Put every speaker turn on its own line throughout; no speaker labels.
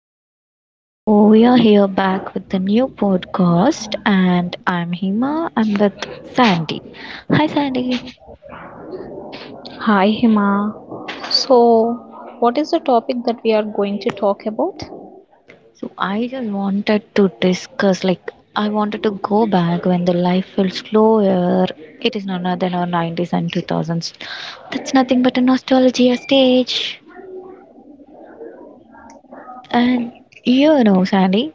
Hello, all. So, we are here back with the new podcast, and I'm Hima. I'm with Sandy. Hi, Sandy.
Hi, Hima. So, what is the topic that we are going to talk about?
So, I just wanted to discuss I wanted to go back when the life felt slower. It is none other than our 90s and 2000s. That's nothing but a nostalgia stage. And Sandy,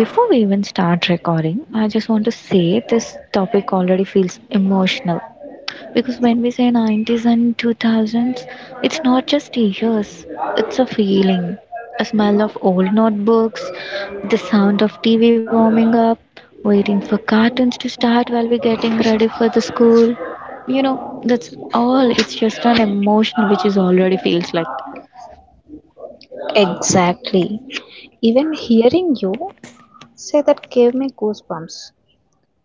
before we even start recording, I just want to say this topic already feels emotional because when we say 90s and 2000s, it's not just years, it's a feeling, a smell of old notebooks, the sound of TV warming up, waiting for cartoons to start while we're getting ready for the school. That's all, it's just an emotional which is already feels like.
Exactly. Even hearing you say that gave me goosebumps.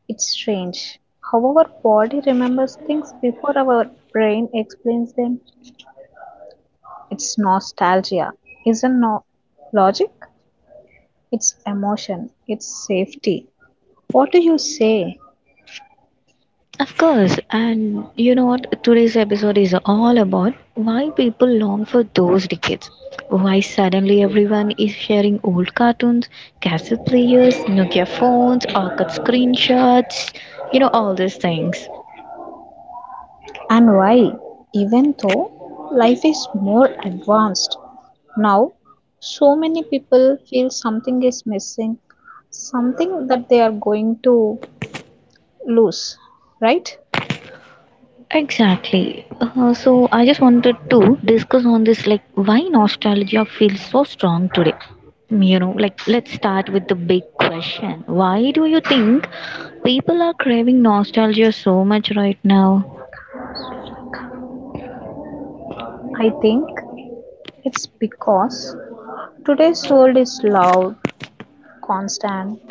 It's strange how our body remembers things before our brain explains them. It's nostalgia, isn't no logic? It's emotion, it's safety. What do you say?
Of course, and you know what? Today's episode is all about why people long for those decades. Why suddenly everyone is sharing old cartoons, cassette players, Nokia phones, or cut screenshots, all these things.
And why, even though life is more advanced now, so many people feel something is missing, something that they are going to lose, right?
Exactly. So I just wanted to discuss on this like why nostalgia feels so strong today. Like let's start with the big question. Why do you think people are craving nostalgia so much right now?
I think it's because today's world is loud, constant,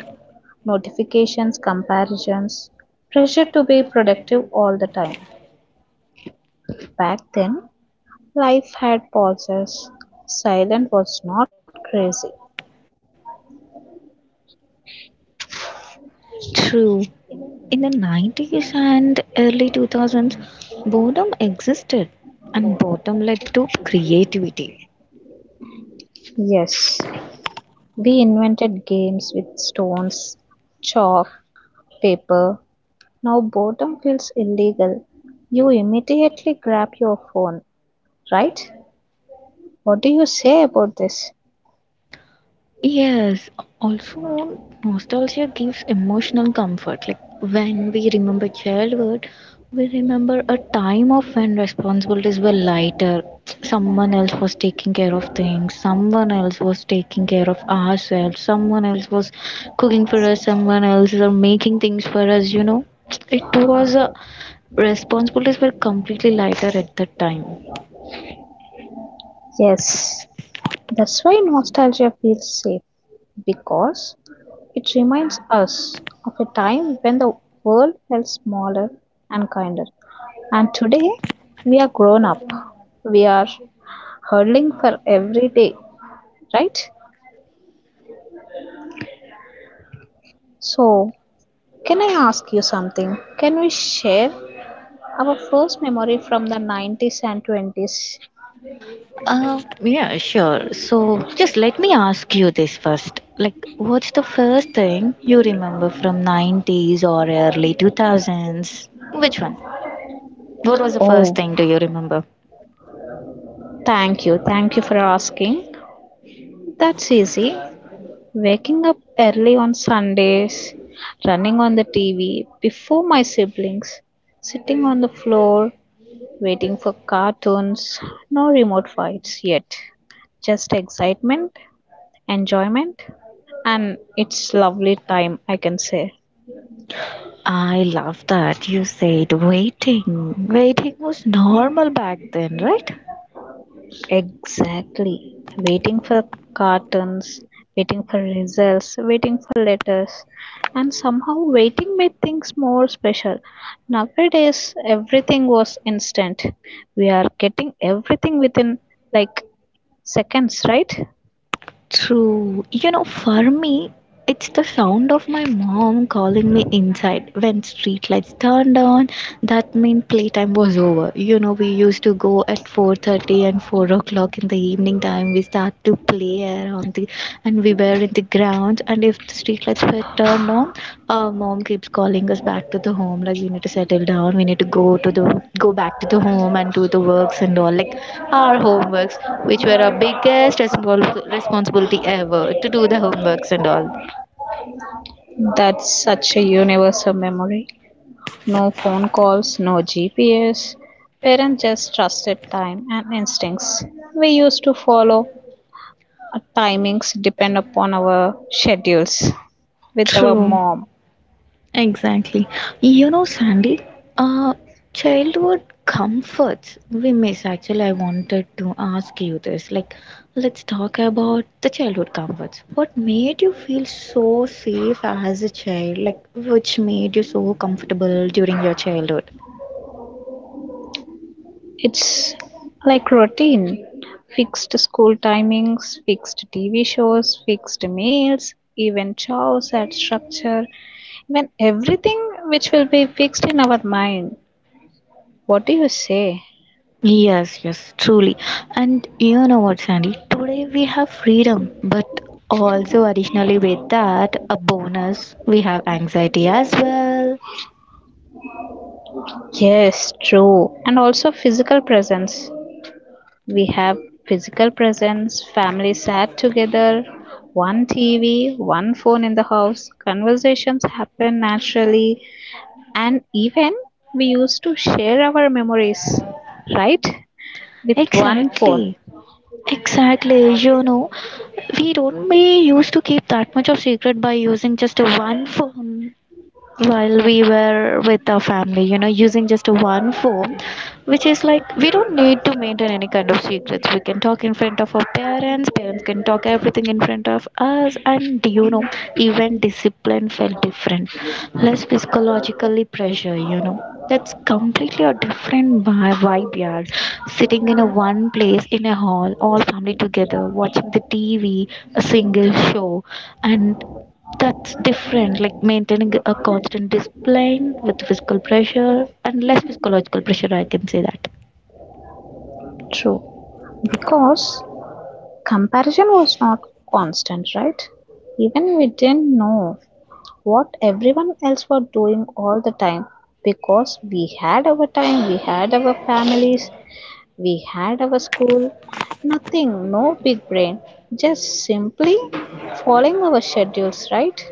notifications, comparisons, pressure to be productive all the time. Back then, life had pauses, silence was not crazy.
True. In the 90s and early 2000s, boredom existed and boredom led to creativity.
Yes, we invented games with stones, chalk, paper. Now boredom feels illegal. You immediately grab your phone, right? What do you say about this?
Yes, also nostalgia gives emotional comfort. Like when we remember childhood, we remember a time of when responsibilities were lighter. Someone else was taking care of things, someone else was taking care of ourselves, someone else was cooking for us, someone else or making things for us, It was a responsibilities were completely lighter at that time.
Yes, that's why nostalgia feels safe because it reminds us of a time when the world felt smaller and kinder. And today we are grown up. We are hurling for every day, right? So can I ask you something? Can we share our first memory from the 90s and 20s?
Yeah, sure. So just let me ask you this first. What's the first thing you remember from 90s or early 2000s? Which one? What was the first
Oh,
thing do you remember?
thank you. Thank you for asking. That's easy. Waking up early on Sundays, running on the TV before my siblings, sitting on the floor, waiting for cartoons. No remote fights yet. Just excitement, enjoyment, and it's lovely time, I can say.
I love that you said waiting. Waiting was normal back then, right?
Exactly, waiting for cartons, waiting for results, waiting for letters, and somehow waiting made things more special. Nowadays, everything was instant. We are getting everything within like seconds, right?
True. You know, for me, it's the sound of my mom calling me inside when street lights turned on. That meant playtime was over. You know, we used to go at 4:30 and 4 o'clock in the evening time. We start to play around and we were in the grounds. And if the street lights were turned on, our mom keeps calling us back to the home, like we need to settle down, we need to go back to the home and do the works and all, like our homeworks, which were our biggest responsibility ever, to do the homeworks and all.
That's such a universal memory. No phone calls, no GPS. Parents just trusted time and instincts. We used to follow our timings depend upon our schedules with our
True.
mom.
Exactly. You know, Sandy, uh, childhood comforts we miss. Actually, I wanted to ask you this. Let's talk about the childhood comforts. What made you feel so safe as a child? Like, which made you so comfortable during your childhood?
It's like routine: fixed school timings, fixed TV shows, fixed meals, even chores and structure, even everything which will be fixed in our mind. What do you say?
Yes, yes, truly. And you know what, Sandy? Today we have freedom, but also additionally with that, a bonus, we have anxiety as well.
Yes, true. And also physical presence. We have physical presence, family sat together, one TV, one phone in the house, conversations happen naturally. And even we used to share our memories, right, with one phone.
Exactly. Exactly, we don't we used to keep that much of secret by using just one phone while we were with our family, using just one phone, which is like we don't need to maintain any kind of secrets. We can talk in front of our parents, parents can talk everything in front of us, and even discipline felt different, less psychologically pressure, That's completely a different vibe, yeah. Sitting in a one place in a hall, all family together, watching the TV, a single show, and that's different, like maintaining a constant discipline with physical pressure and less physiological pressure, I can say that.
True, because comparison was not constant, right? Even we didn't know what everyone else were doing all the time because we had our time, we had our families, we had our school, nothing, no big brain, just simply following our schedules, right?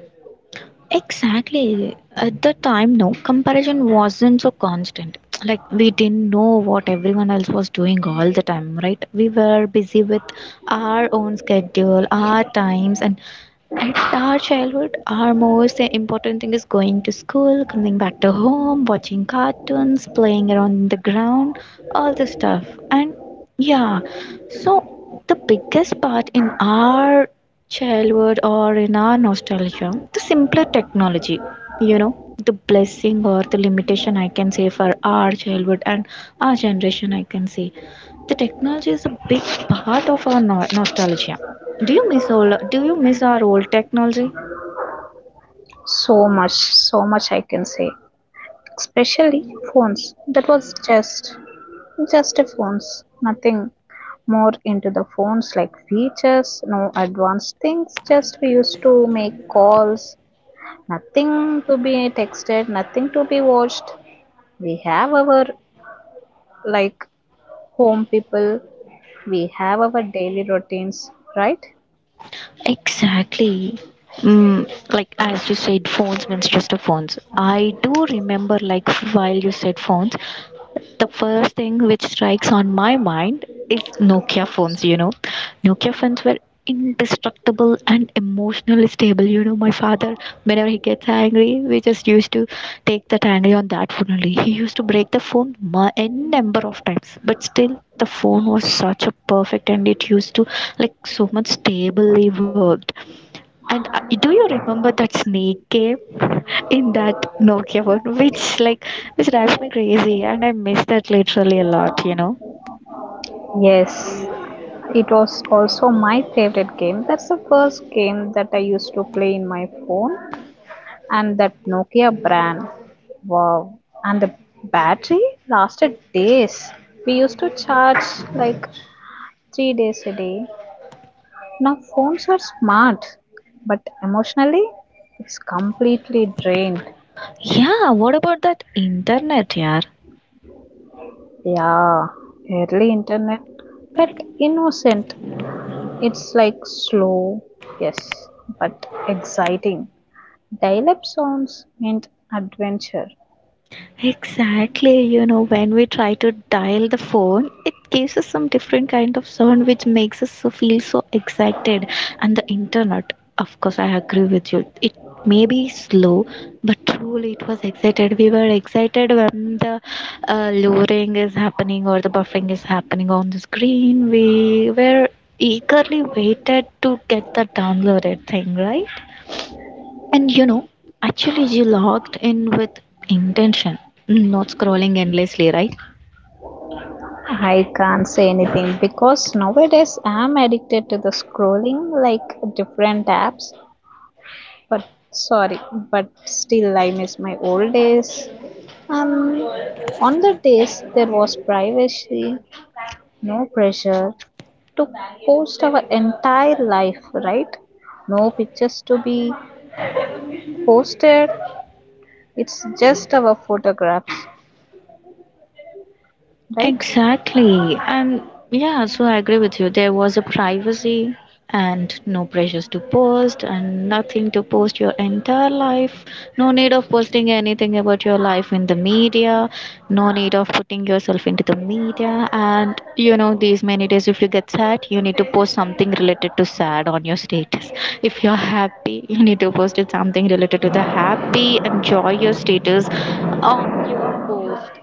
Exactly. At the time, no, comparison wasn't so constant. Like, we didn't know what everyone else was doing all the time, right? We were busy with our own schedule, our times, and at our childhood our most important thing is going to school, coming back to home, watching cartoons, playing around in the ground, all this stuff. And yeah, so the biggest part in our childhood or in our nostalgia, the simpler technology, the blessing or the limitation I can say for our childhood and our generation I can say the technology is a big part of our nostalgia. Do you miss all? Do you miss our old technology?
So much, so much I can say. Especially phones. That was just a phones, nothing more into the phones like features, no advanced things. Just we used to make calls, nothing to be texted, nothing to be watched. We have our like home people, we have our daily routines, right?
Exactly. Like as you said, phones means just a phones. I do remember, like while you said phones, the first thing which strikes on my mind is Nokia phones. You know, Nokia phones were indestructible and emotionally stable. You know, my father, whenever he gets angry, we just used to take that angry on that phone only. He used to break the phone n number of times, but still the phone was such a perfect and it used to like so much stably worked. And do you remember that snake game in that Nokia phone, which drives me crazy, and I miss that literally a lot, you know?
Yes, it was also my favorite game. That's the first game that I used to play in my phone, and that Nokia brand. Wow, and the battery lasted days. We used to charge like three days a day. Now phones are smart, but emotionally, it's completely drained.
Yeah, what about that internet, yeah?
Yeah, early internet felt innocent. It's like slow, yes, but exciting. Dial up sounds meant adventure.
Exactly, you know, when we try to dial the phone, it gives us some different kind of sound which makes us feel so excited. And the internet, of course, I agree with you. It may be slow, but truly it was excited. We were excited when the luring is happening or the buffering is happening on the screen. We were eagerly waited to get the downloaded thing, right? And you know, actually, you logged in with intention, not scrolling endlessly, right?
I can't say anything because nowadays I'm addicted to the scrolling like different apps. But sorry, but still I miss my old days. Um, on the days there was privacy, no pressure to post our entire life, right? No pictures to be posted, it's just our photographs, right?
Exactly. And yeah, so I agree with you. There was a privacy and no pressures to post and nothing to post your entire life. No need of posting anything about your life in the media. No need of putting yourself into the media. And you know, these many days, if you get sad, you need to post something related to sad on your status. If you're happy, you need to post it something related to the happy. Enjoy your status on your post.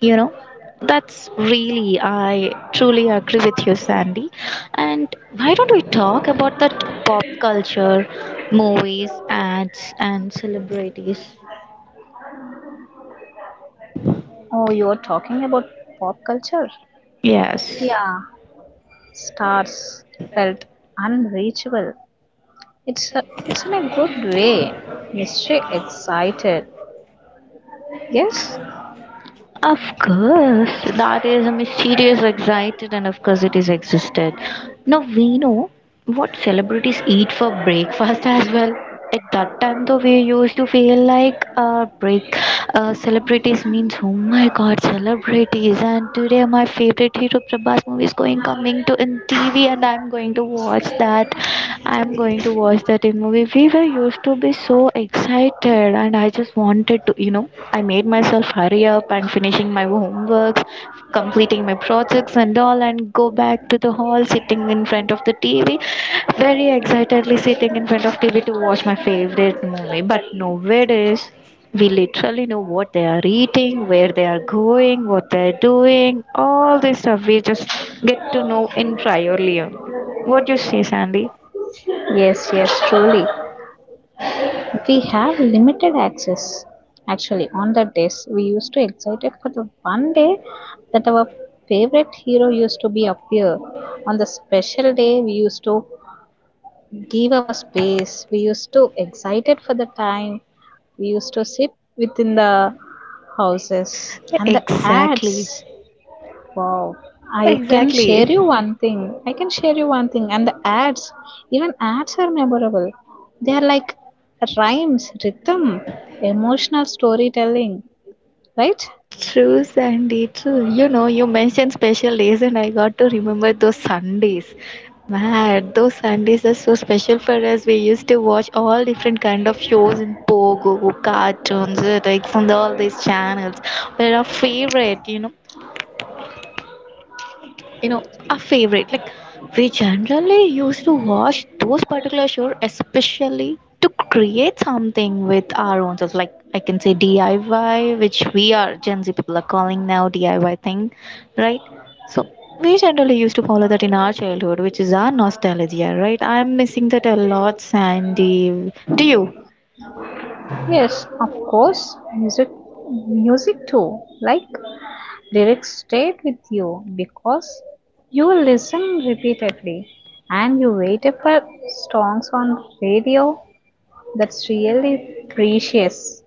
You know, that's really, I truly agree with you, Sandy. And why don't we talk about that pop culture, movies, ads, and celebrities?
Oh, you're talking about pop culture?
Yes.
Yeah, stars felt unreachable. It's a, it's in a good way. Mystery excited. Yes,
Of course, that is a mysterious, excited, and of course, it is existed. Now we know what celebrities eat for breakfast as well. At that time, though, we used to feel like break celebrities means oh my god, celebrities! And today, my favorite hero Prabhas movie is going coming to in TV, and I'm going to watch that. I'm going to watch that in movie. We were used to be so excited, and I just wanted to, you know, I made myself hurry up and finishing my homeworks, completing my projects and all, and go back to the hall, sitting in front of the TV, very excitedly sitting in front of TV to watch my favorite movie. But nowadays, we literally know what they are eating, where they are going, what they are doing, all this stuff we just get to know in priorly only. What do you say, Sandy?
yes, yes, truly. We have limited access. Actually, on the days we used to excited for the one day that our favorite hero used to be appear. On the special day, we used to give our space. We used to excited for the time. We used to sit within the houses and the ads.
Exactly.
Wow. I can share
Exactly.
you one thing. I can share you one thing. And the ads, even ads are memorable. They are like rhymes, rhythm, emotional storytelling, right?
True, Sandy. True. You know, you mentioned special days, and I got to remember those Sundays. Man, those Sundays are so special for us. We used to watch all different kind of shows in Pogo, cartoons, like all these channels. We're our favorite, you know. you know a favorite like we generally used to watch those particular shows especially to create something with our own selves, like I can say DIY, which we are Gen Z people are calling now DIY thing, right? So we generally used to follow that in our childhood, which is our nostalgia, right? I'm missing that a lot, Sandy. Do you?
Yes, of course. Music, music too. Like lyrics stayed with you because you listen repeatedly and you waited for songs on radio. That's really precious,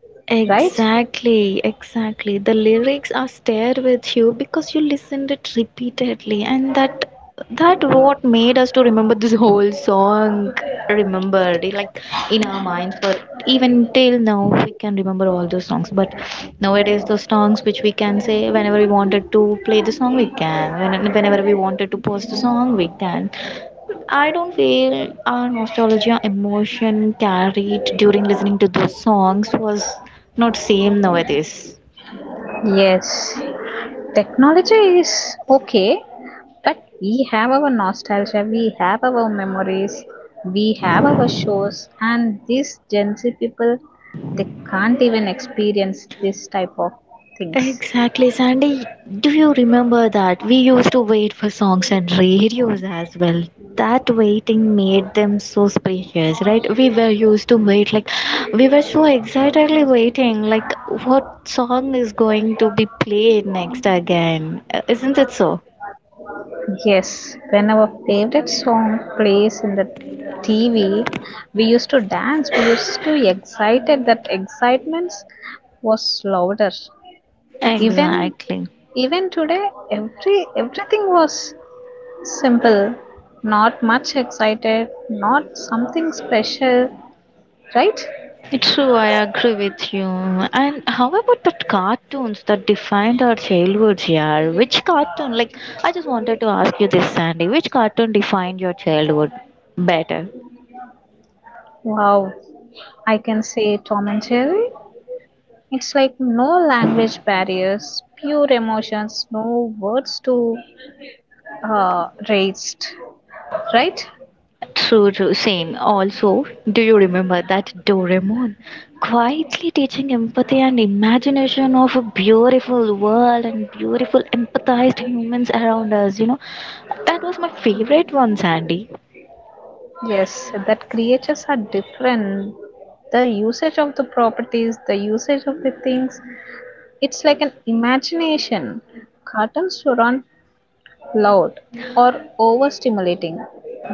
right?
Exactly, exactly. The lyrics are stayed with you because you listened it repeatedly, and that what made us to remember this whole song. Remember, like in our minds for even till now, we can remember all those songs. But nowadays, those songs which we can say whenever we wanted to play the song, we can. Whenever we wanted to post the song, we can. I don't feel our nostalgia emotion carried during listening to those songs was not same nowadays.
Yes. Technology is okay, but we have our nostalgia, we have our memories, we have our shows, and these Gen Z people they can't even experience this type of things.
Exactly, Sandy. Do you remember that we used to wait for songs and radios as well? That waiting made them so spacious, right? We were used to wait like we were so excitedly waiting, like what song is going to be played next again? Isn't it so?
Yes, when our favorite song plays in the TV, we used to dance, we used to excited, that excitement was louder. Even
Exactly.
even today every everything was simple, not much excited, not something special, right?
It's true, I agree with you. And how about the cartoons that defined our childhoods, yeah? Which cartoon? I just wanted to ask you this, Sandy. Which cartoon defined your childhood better?
Wow. I can say Tom and Jerry. It's like no language barriers, pure emotions, no words to raised, right?
True, true, same. Also, do you remember that Doraemon quietly teaching empathy and imagination of a beautiful world and beautiful empathized humans around us? You know, that was my favorite one, Sandy.
Yes, that creatures are different. The usage of the properties, the usage of the things, it's like an imagination. Cartoons were on loud or overstimulating.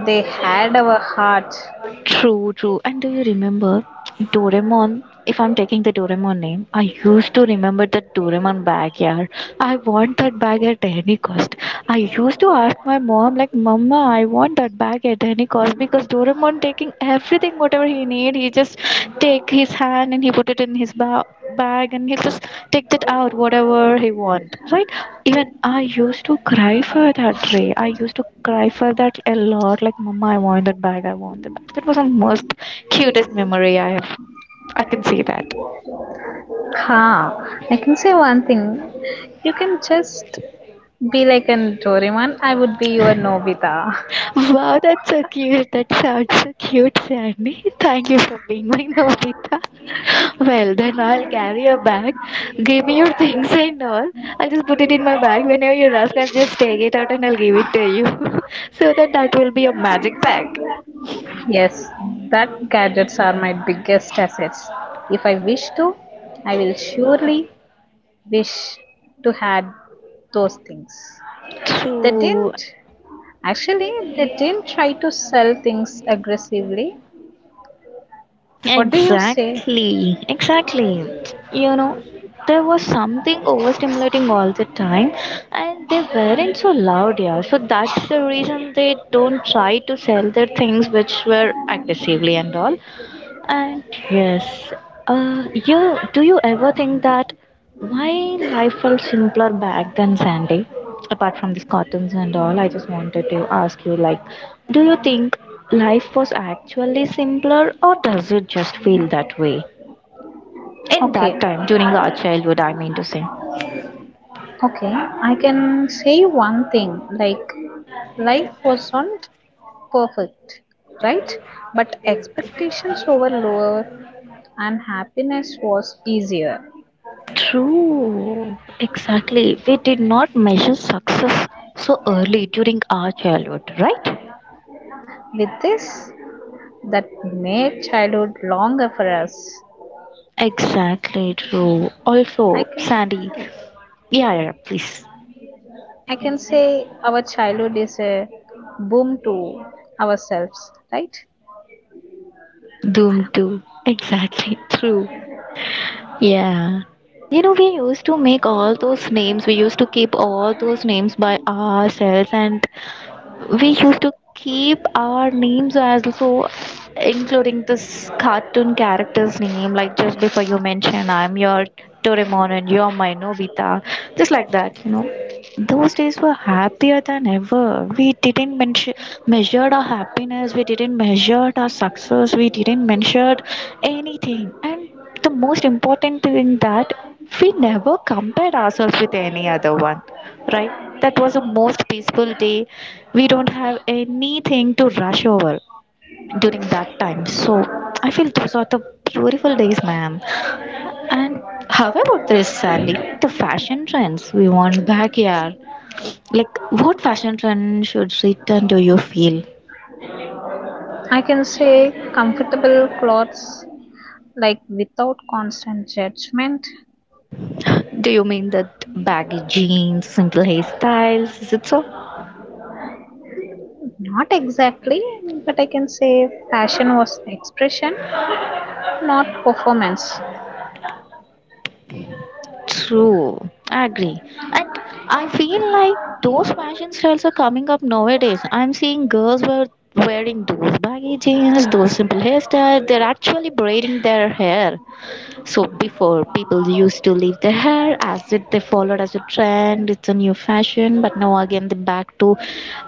They had our heart.
True, true. And do you remember Doraemon? If I'm taking the Doraemon name, I used to remember that Doraemon bag, yeah. I want that bag at any cost. I used to ask my mom, like, Mama, I want that bag at any cost because Doraemon taking everything, whatever he need, he just take his hand and he put it in his bag and he'll just take that out whatever he want, right? Even I used to cry for that tray, I used to cry for that a lot, like, Mama, I want that bag, I want that bag. That was the most cutest memory I have. I can see that.
Ha! I can say one thing. You can just be like an Doraemon. I would be your Nobita.
Wow, that's so cute. That sounds so cute, Sandy. Thank you for being my Nobita. Well, then I'll carry a bag. Give me your things and all. I'll just put it in my bag. Whenever you ask, I'll just take it out and I'll give it to you. So that will be a magic bag.
Yes, that gadgets are my biggest assets. If I wish to, I will surely wish to had those things. They
So.
didn't. Actually, they didn't try to sell things aggressively. What do you say?
Exactly, exactly. You know, there was something overstimulating all the time, and they weren't so loud, yeah. So that's the reason they don't try to sell their things which were aggressively and all. And yes, you do you ever think that why life felt simpler back then, Sandy? Apart from these cartoons and all, I just wanted to ask you, like, do you think life was actually simpler, or does it just feel that way in that
Okay,
time during our childhood? I mean to say.
okay. I can say one thing. Like, life wasn't perfect, right? But expectations were lower, and happiness was easier.
True, exactly. We did not measure success so early during our childhood, right?
With this, that made childhood longer for us.
Exactly true.
I
Also,
can,
Sandy, yeah, yeah, yeah, please.
I can say our childhood is a boom to ourselves, right?
Doom 2. Exactly. True. Yeah. You know, we used to make all those names. We used to keep all those names by ourselves, and we used to keep our names as so, including this cartoon character's name, like, just before you mentioned, I'm your Doraemon and you're my Nobita. Just like that. Those days were happier than ever. We didn't mention measured our happiness, we didn't measure our success, we didn't measure anything. And the most important thing that we never compared ourselves with any other one, right? That was a most peaceful day. We don't have anything to rush over during that time. So I feel those are the beautiful days, ma'am. And how about this, Sandy? The fashion trends we want back, yeah. Like, what fashion trend should return? Do you feel?
I can say comfortable clothes, like without constant judgment.
Do you mean that baggy jeans, simple hairstyles? Is it so?
Not exactly, but I can say fashion was expression, not performance.
True, I agree. And I feel like those fashion styles are coming up nowadays. I'm seeing girls were wearing those baggy jeans, those simple hairstyles. They're actually braiding their hair. So before, people used to leave their hair as it, they followed as a trend, it's a new fashion, but now again they're back to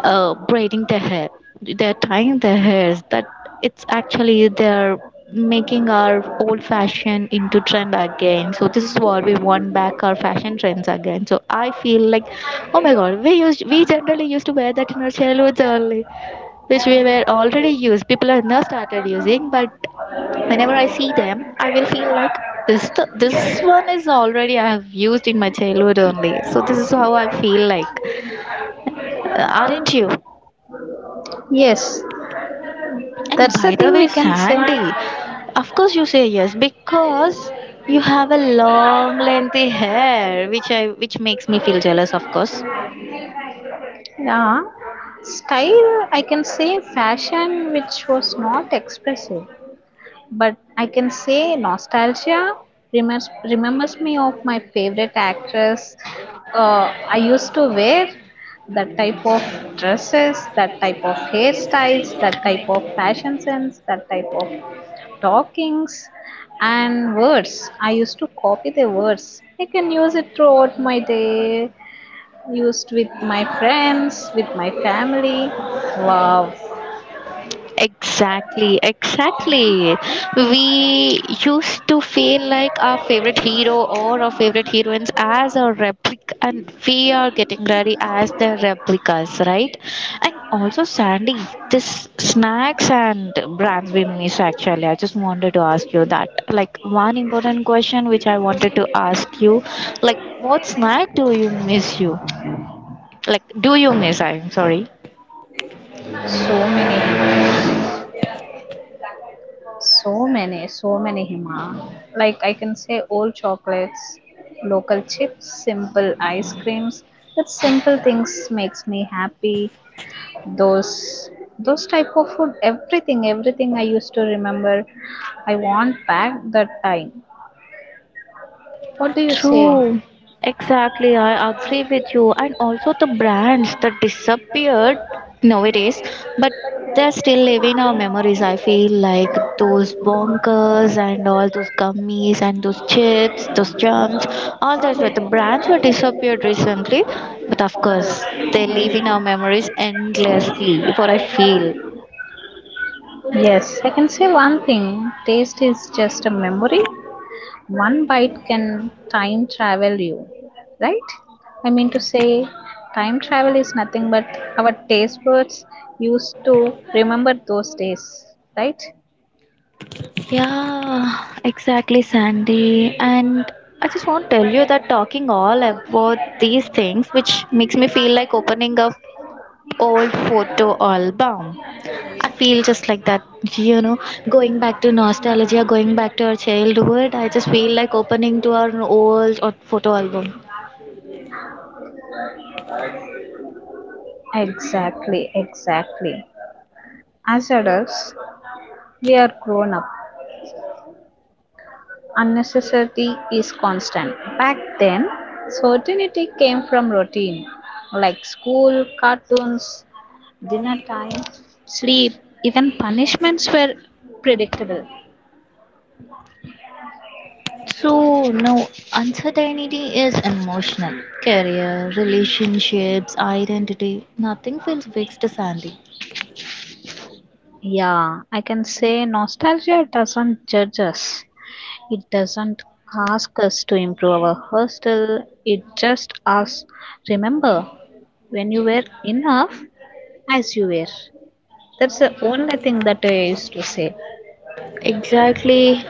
braiding their hair. They're tying their hairs, that it's actually they're making our old fashion into trend again. So this is what we want back, our fashion trends again. So I feel like, oh my god, we generally used to wear that in our childhoods only, which we were already used, people are now started using. But whenever I see them, I will feel like, this one is already I have used in my childhood only. So this is how I feel like, aren't you?
Yes,
And
that's the
by the
thing we
way,
can say.
Sandy, of course you say yes because you have a long lengthy hair, which makes me feel jealous, of course.
Yeah, style, I can say fashion, which was not expressive, but I can say nostalgia remembers, remembers me of my favorite actress. I used to wear that type of dresses, that type of hairstyles, that type of fashion sense, that type of talkings and words. I used to copy the words. I can use it throughout my day used with my friends, with my family. Wow,
Exactly, exactly. We used to feel like our favorite hero or our favorite heroines as a replica, and we are getting ready as the replicas, right? And also, Sandy, this snacks and brands we miss actually. I just wanted to ask you that. Like, one important question which I wanted to ask you, like, what snack do you miss you? Like, do you miss? I'm sorry.
so many himas, so many, so many hima. Like I can say, old chocolates, local chips, simple ice creams. But simple things makes me happy. Those those type of food, everything, everything I used to remember. I want back that time. What do you say?
True. Exactly. I agree with you. And also the brands that disappeared nowadays, but they're still living our memories. I feel like those bonkers and all those gummies and those chips, those jams, all those were the brands were disappeared recently. But of course, they live in our memories endlessly, what I feel.
Yes, I can say one thing. Taste is just a memory, one bite can time travel you, right? I mean to say time travel is nothing but our taste buds used to remember those days, right?
Yeah, exactly, Sandy. And I just want to tell you that talking all about these things, which makes me feel like opening up old photo album. I feel just like that, you know, going back to nostalgia, going back to our childhood. I just feel like opening to our old photo album.
Exactly, exactly. As adults we are grown up, unnecessity is constant. Back then, certainty came from routine, like school, cartoons, dinner time, sleep, even punishments were predictable.
So, no, uncertainty is emotional. Career, relationships, identity, nothing feels fixed, Sandy.
Yeah, I can say nostalgia doesn't judge us. It doesn't ask us to improve our hostel. It just asks, remember when you were enough as you were. That's the only thing that I used to say.
Exactly.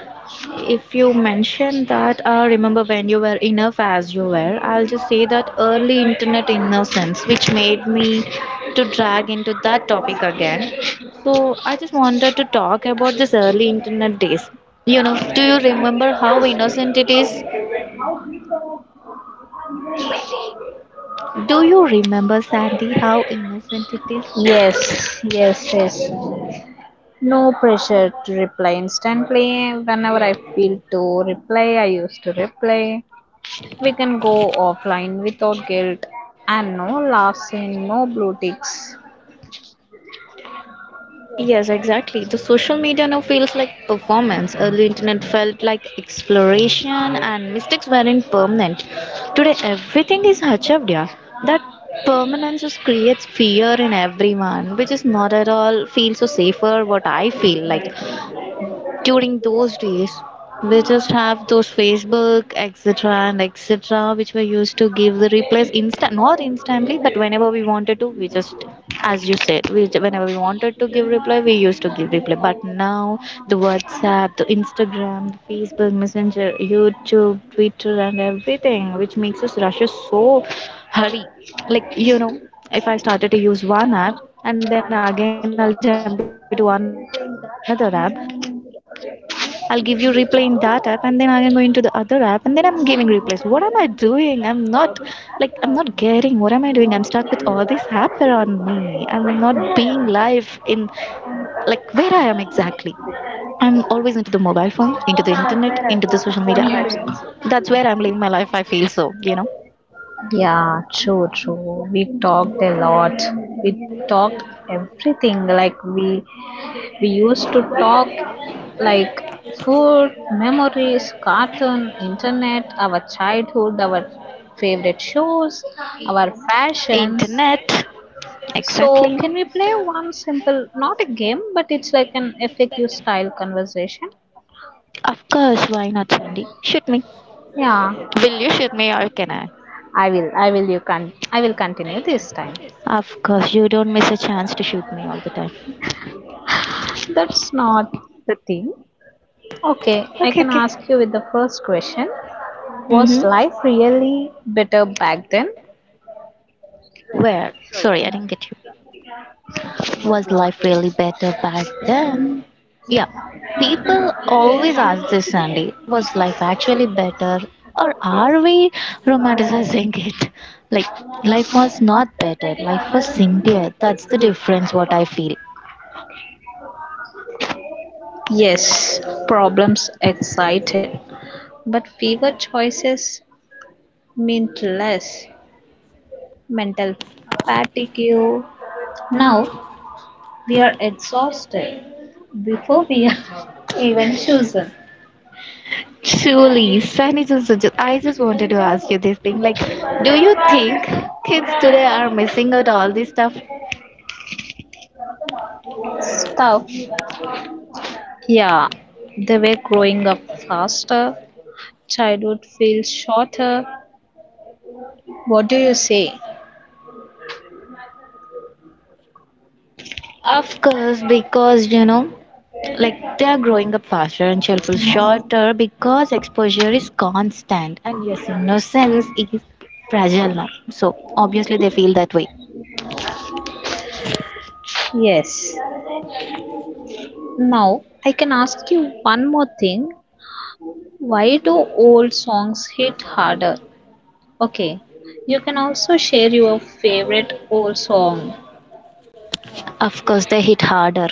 If you mention that, I remember when you were enough as you were. I'll just say that early internet innocence, which made me to drag into that topic again. So I just wanted to talk about this early internet days. You know, do you remember how innocent it is? Do you remember, Sandy, how innocent it is?
Yes, yes, yes. No pressure to reply instantly. Whenever I feel to reply, I used to reply. We can go offline without guilt and no laughs and no blue ticks.
Yes, exactly. The social media now feels like performance. Early internet felt like exploration, and mistakes weren't permanent. Today everything is achieved, yeah. That permanence just creates fear in everyone, which is not at all feels so safer, what I feel like. During those days, we just have those Facebook etc and etc, which were used to give the replies instant, not instantly, but whenever we wanted to, we just, as you said, we whenever we wanted to give reply, we used to give reply. But now the WhatsApp, the Instagram, the Facebook Messenger, YouTube, Twitter and everything, which makes us rush us so hurry, like, if I started to use one app, and then again I'll jump into another app, I'll give you replay in that app, and then again am going to the other app, and then I'm giving replays. What am I doing? I'm not getting, what am I doing? I'm stuck with all this app around me. I'm not being live in, like, where I am exactly. I'm always into the mobile phone, into the internet, into the social media apps. That's where I'm living my life, I feel so.
Yeah, true, true. We talked a lot. We talked everything. Like we used to talk like food, memories, cartoon, internet, our childhood, our favorite shows, our
Internet.
fashions.
Exactly.
So can we play one simple, not a game, but it's like an FAQ style conversation?
Of course, why not, Sandy? Shoot me. Will you
Yeah,
shoot me or can I?
I will. I will. You can. I will continue this time.
Of course, you don't miss a chance to shoot me all the time.
That's not the thing. Okay,
Okay,
I can
okay.
ask you with the first question.
Mm-hmm.
Was life really better back then?
Where? Sorry, I didn't get you. Was life really better back then? Yeah. People always ask this, Sandy. Was life actually better? Or are we romanticizing it? Like, life was not better. Life was simpler. That's the difference, what I feel.
Yes, problems excited, but fewer choices meant less mental fatigue. Now we are exhausted before we are even chosen.
Surely, Sunny, I just wanted to ask you this thing. Like, do you think kids today are missing out all this stuff?
Stuff. Yeah, they were growing up faster. Childhood feels shorter. What do you say?
Of course, because you know, like
Like they're
they're
growing
growing
the
up faster
pattern,
and
so
shelf life
sure
shorter because exposure is constant,
and
and yes,
listeners
innocence
safe,
is fragile now.
so
So
obviously
obviously
they
they
feel
feel
that
that way.
way. Yes. Now, I can ask you one more thing. Why do old songs hit harder? Okay. You can also share your favorite old song.
Of course, they hit harder.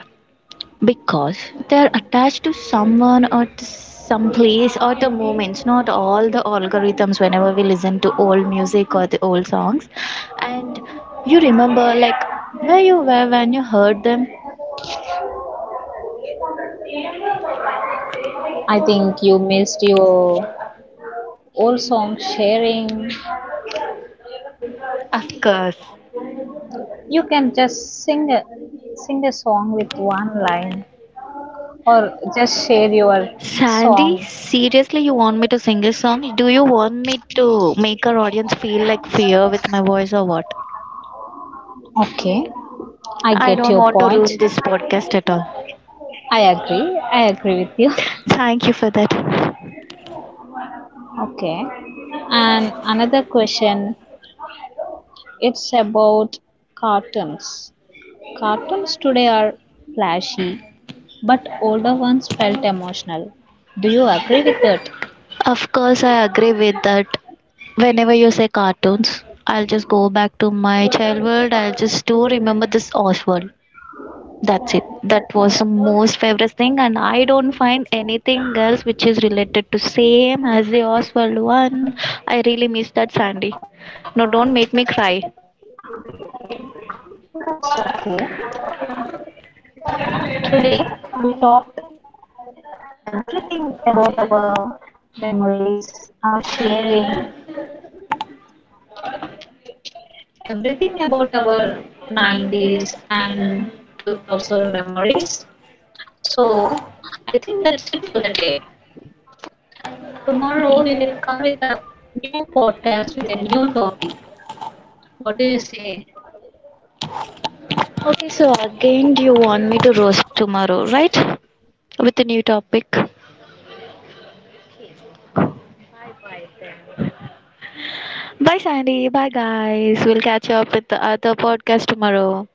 Because they're attached to someone or to some place or to moments, not all the algorithms whenever we listen to old music or the old songs. And you remember like where you were when you heard them?
I think you missed your old song sharing.
Of course.
You can just sing a, sing a song with one line or just share your
Sandy,
song.
seriously, you want me to sing a song? Do you want me to make our audience feel like fear with my voice or what?
Okay. I
I
get
don't
your
want to
point.
ruin this podcast at all.
I agree. I agree with you.
Thank you for that.
Okay. And another question, it's about cartoons. Cartoons today are flashy, but older ones felt emotional. Do you agree with that?
Of course, I agree with that. Whenever you say cartoons, I'll just go back to my childhood. I'll just do remember this Oswald. That's it. That was the most favorite thing, and I don't find anything else which is related to same as the Oswald one. I really miss that, Sandy. No, don't make me cry.
That's okay. Today we talked everything about our memories, our sharing, everything about our 90s and 2000 memories. So, I think that's it for the day. Tomorrow we will come with a new podcast with a new topic. What do you say?
Okay, so again, do you want me to roast tomorrow, right? With a new topic.
Okay.
Bye, Sandy. Bye, guys. We'll catch up with the other podcast tomorrow.